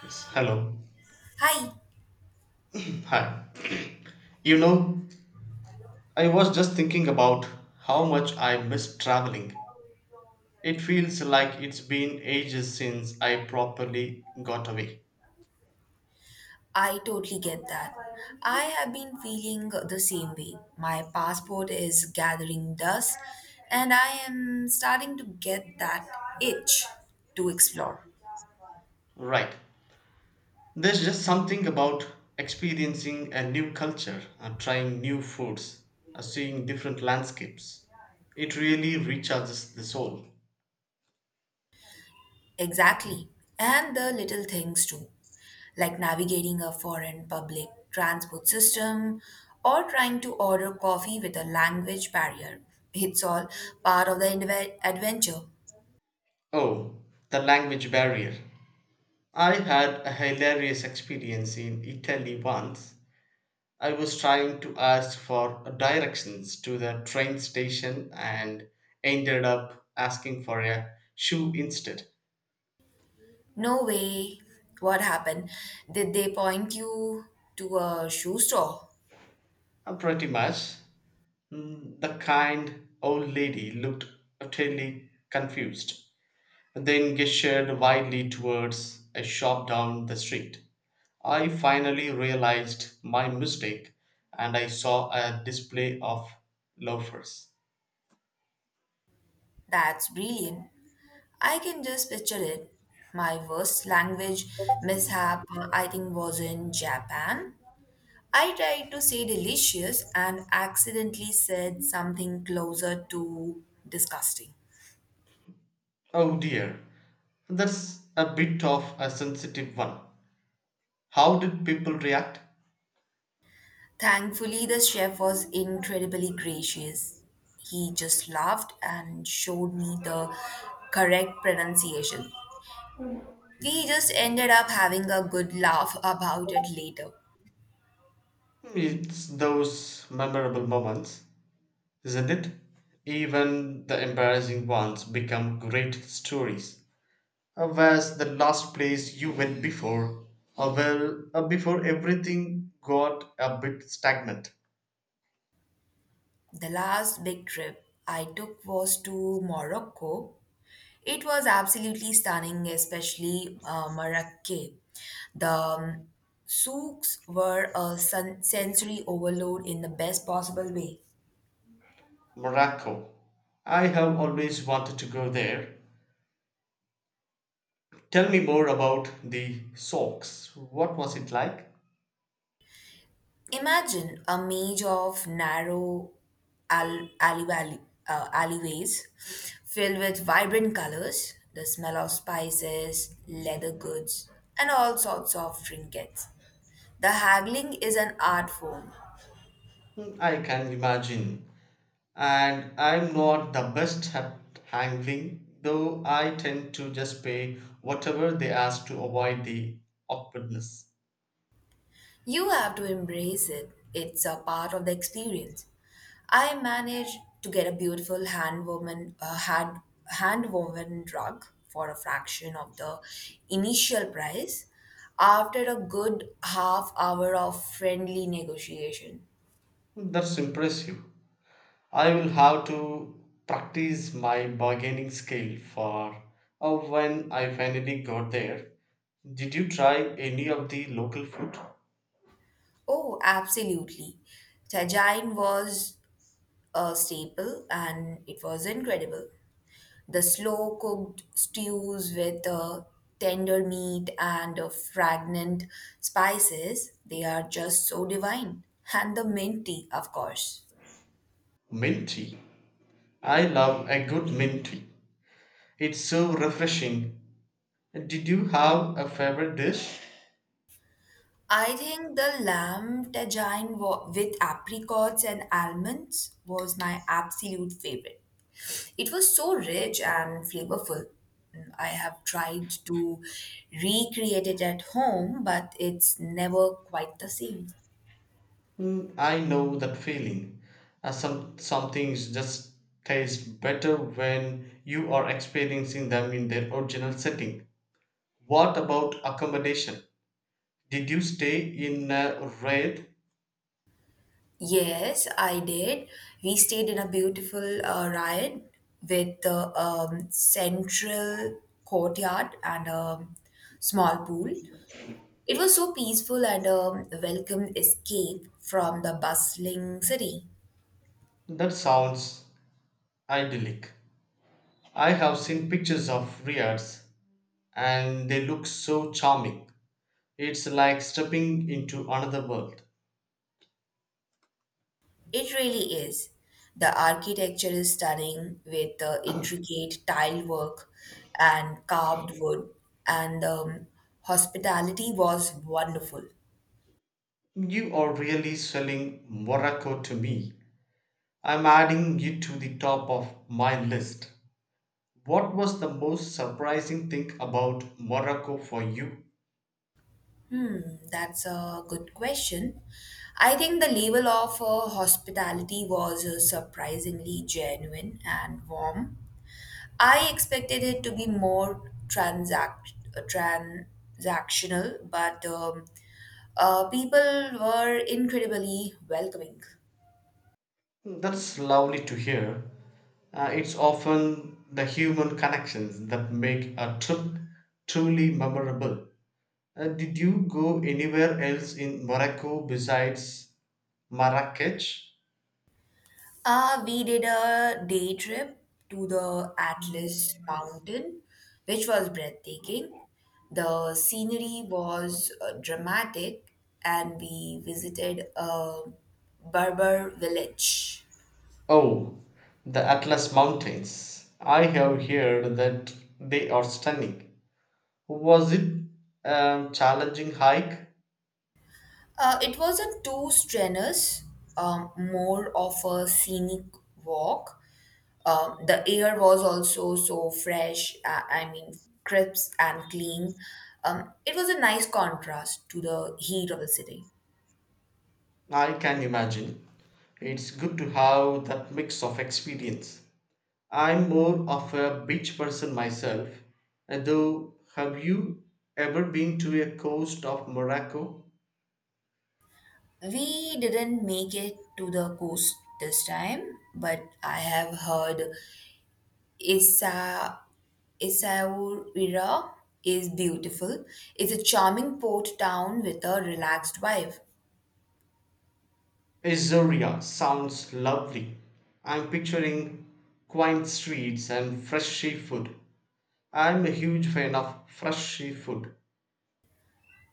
Yes, hello. Hi, Hi. You know, I was just thinking about how much I miss traveling. It feels like it's been ages since I properly got away. I totally get that. I have been feeling the same way. My passport is gathering dust, and I am starting to get that itch to explore. Right. There's just something about experiencing a new culture, trying new foods, seeing different landscapes. It really recharges the soul. Exactly. And the little things too, like navigating a foreign public transport system or trying to order coffee with a language barrier. It's all part of the adventure. Oh, the language barrier. I had a hilarious experience in Italy once. I was trying to ask for directions to the train station and ended up asking for a shoe instead. No way. What happened? Did they point you to a shoe store? Pretty much. Mm, the kind old lady looked utterly confused, then gestured widely towards a shop down the street. I finally realized my mistake and I saw a display of loafers. That's brilliant. I can just picture it. My worst language mishap, I think, was in Japan. I tried to say delicious and accidentally said something closer to disgusting. Oh dear, that's a bit of a sensitive one. How did people react? Thankfully, the chef was incredibly gracious. He just laughed and showed me the correct pronunciation. We just ended up having a good laugh about it later. It's those memorable moments, isn't it? Even the embarrassing ones become great stories. Where's the last place you went before? Before everything got a bit stagnant. The last big trip I took was to Morocco. It was absolutely stunning, especially Marrakech. The souks were a sensory overload in the best possible way. Morocco. I have always wanted to go there. Tell me more about the socks. What was it like? Imagine a maze of narrow al- alleyway- alleyways filled with vibrant colors, the smell of spices, leather goods, and all sorts of trinkets. The haggling is an art form. Hmm, I can imagine, and I'm not the best at handling, though I tend to just pay whatever they ask to avoid the awkwardness. You have to embrace it. It's a part of the experience. I managed to get a beautiful hand woven hand woven rug for a fraction of the initial price after a good half hour of friendly negotiation. That's impressive. I will have to practice my bargaining skill for when I finally got there. Did you try any of the local food? Oh, absolutely. Tajine was a staple and it was incredible. The slow cooked stews with tender meat and fragrant spices, they are just so divine. And the mint tea, of course. Mint tea. I love a good mint tea. It's so refreshing. Did you have a favorite dish? I think the lamb tajine with apricots and almonds was my absolute favorite. It was so rich and flavorful. I have tried to recreate it at home, but it's never quite the same. Mm, I know that feeling. Some things just taste better when you are experiencing them in their original setting. What about accommodation? Did you stay in a Riyadh? Yes, I did. We stayed in a beautiful riot with the central courtyard and a small pool. It was so peaceful and a welcome escape from the bustling city. That sounds idyllic. I have seen pictures of Riyadhs and they look so charming. It's like stepping into another world. It really is. The architecture is stunning with the intricate tile work and carved wood, and hospitality was wonderful. You are really selling Morocco to me. I'm adding it to the top of my list. What was the most surprising thing about Morocco for you? Hmm, that's a good question. I think the level of hospitality was surprisingly genuine and warm. I expected it to be more transactional, but people were incredibly welcoming. That's lovely to hear. It's often the human connections that make a trip truly memorable. Did you go anywhere else in Morocco besides Marrakech? We did a day trip to the Atlas Mountain, which was breathtaking. The scenery was dramatic, and we visited a Berber village. Oh, the Atlas Mountains. I have heard that they are stunning. Was it a challenging hike? It wasn't too strenuous, more of a scenic walk. The air was also so fresh, I mean, crisp and clean. It was a nice contrast to the heat of the city. I can imagine. It's good to have that mix of experience. I'm more of a beach person myself, and though have you ever been to a coast of Morocco? We didn't make it to the coast this time, but I have heard Issa, Essaouira is beautiful. It's a charming port town with a relaxed vibe. Azoria sounds lovely. I'm picturing quaint streets and fresh seafood. I'm a huge fan of fresh seafood.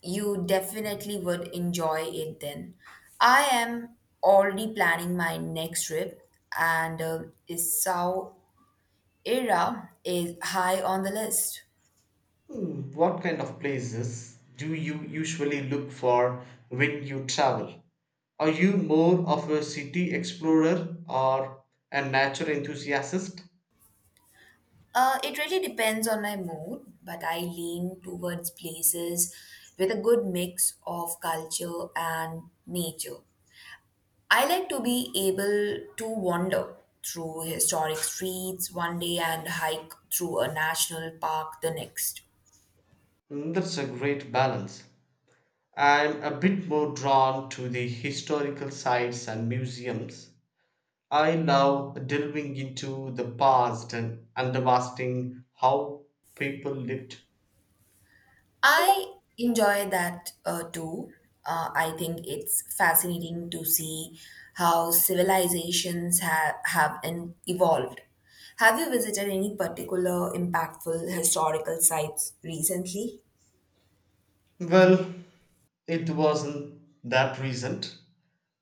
You definitely would enjoy it then. I am already planning my next trip, and Essaouira is high on the list. Hmm, what kind of places do you usually look for when you travel? Are you more of a city explorer or a nature enthusiast? It really depends on my mood, but I lean towards places with a good mix of culture and nature. I like to be able to wander through historic streets one day and hike through a national park the next. Mm, that's a great balance. I'm a bit more drawn to the historical sites and museums. I love delving into the past and understanding how people lived. I enjoy that too. I think it's fascinating to see how civilizations have evolved. Have you visited any particular impactful historical sites recently? Well, it wasn't that recent,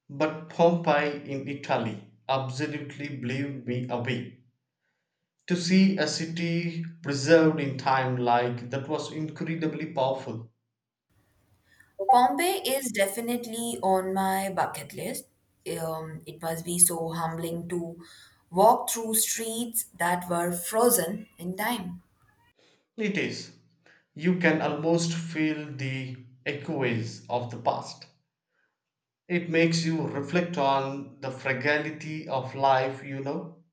but Pompeii in Italy absolutely blew me away. To see a city preserved in time like that was incredibly powerful. Pompeii is definitely on my bucket list. It must be so humbling to walk through streets that were frozen in time. It is. You can almost feel the echoes of the past. It makes you reflect on the fragility of life.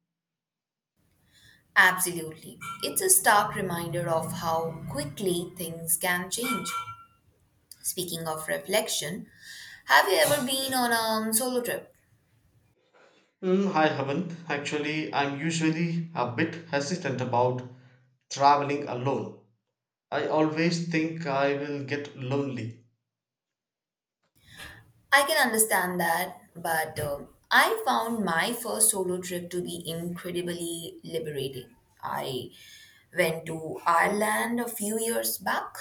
Absolutely. It's a stark reminder of how quickly things can change. Speaking of reflection, have you ever been on a solo trip? Mm, I haven't. Actually, I'm usually a bit hesitant about traveling alone. I always think I will get lonely. I can understand that, but I found my first solo trip to be incredibly liberating. I went to Ireland a few years back.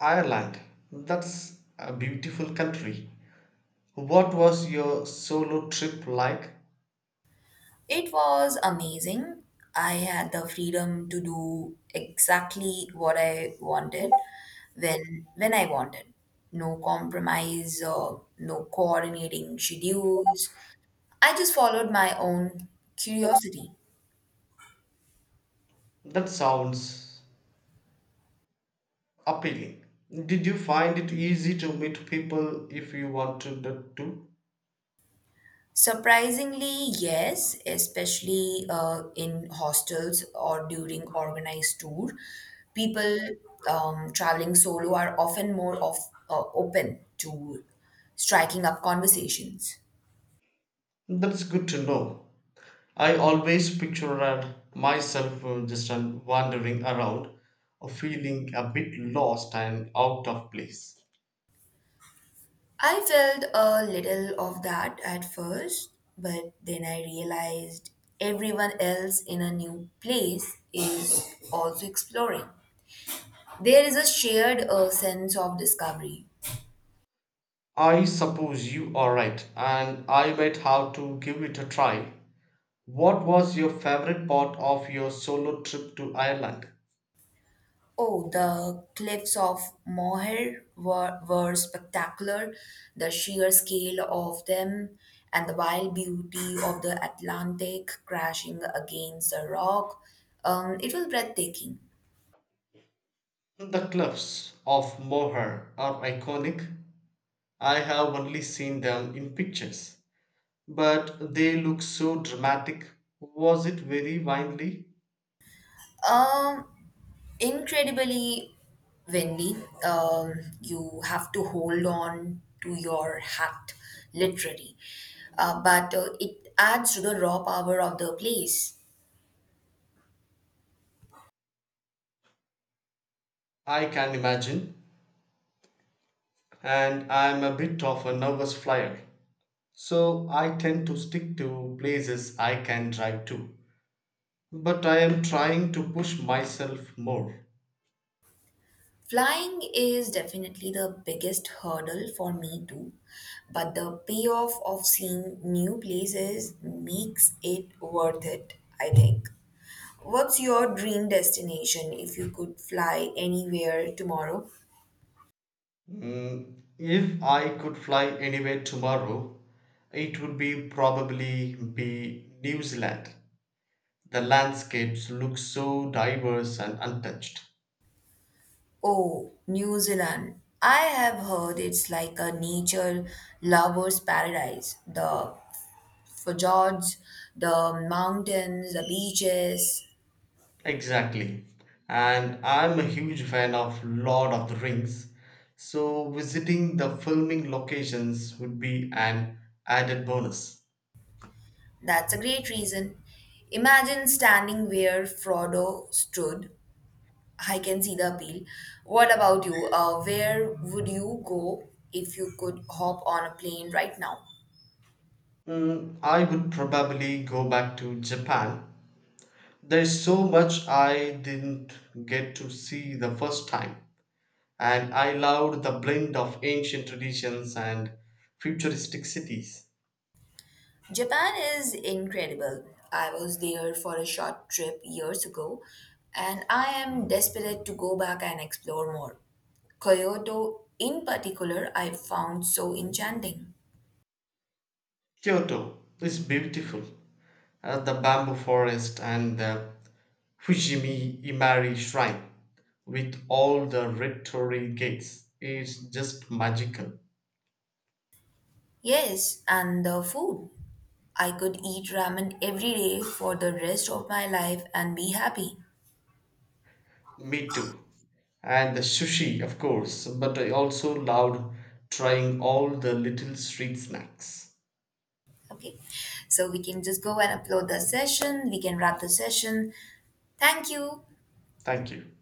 Ireland, that's a beautiful country. What was your solo trip like? It was amazing. I had the freedom to do exactly what I wanted when I wanted. No compromise, no coordinating schedules. I just followed my own curiosity. That sounds appealing. Did you find it easy to meet people if you wanted that to? Surprisingly, yes, especially in hostels or during organized tour, people traveling solo are often more of open to striking up conversations. That's good to know. I always pictured myself just wandering around, feeling a bit lost and out of place. I felt a little of that at first, but then I realized everyone else in a new place is also exploring. There is a shared sense of discovery. I suppose you are right, and I might have to give it a try. What was your favorite part of your solo trip to Ireland? Oh, the cliffs of Moher were spectacular, the sheer scale of them and the wild beauty of the Atlantic crashing against the rock. It was breathtaking. The cliffs of Moher are iconic. I have only seen them in pictures, but they look so dramatic. Was it very windy? Um, Incredibly Wendy, um, you have to hold on to your hat, literally. But it adds to the raw power of the place. I can imagine, and I'm a bit of a nervous flyer, so I tend to stick to places I can drive to. But I am trying to push myself more. Flying is definitely the biggest hurdle for me too, but the payoff of seeing new places makes it worth it, I think. What's your dream destination if you could fly anywhere tomorrow? Mm, if I could fly anywhere tomorrow, it would be probably be New Zealand. The landscapes look so diverse and untouched. Oh, New Zealand. I have heard it's like a nature lover's paradise. The fjords, the mountains, the beaches. Exactly. And I'm a huge fan of Lord of the Rings, so visiting the filming locations would be an added bonus. That's a great reason. Imagine standing where Frodo stood. I can see the appeal. What about you? Where would you go if you could hop on a plane right now? Mm, I would probably go back to Japan. There's so much I didn't get to see the first time, and I loved the blend of ancient traditions and futuristic cities. Japan is incredible. I was there for a short trip years ago, and I am desperate to go back and explore more. Kyoto, in particular, I found so enchanting. Kyoto is beautiful, the bamboo forest and the Fujimi Imari shrine with all the red torii gates it's just magical. Yes, and the food. I could eat ramen every day for the rest of my life and be happy. Me too. And the sushi, of course, but I also loved trying all the little street snacks. Okay, so we can just go and upload the session, we can wrap the session. Thank you. Thank you.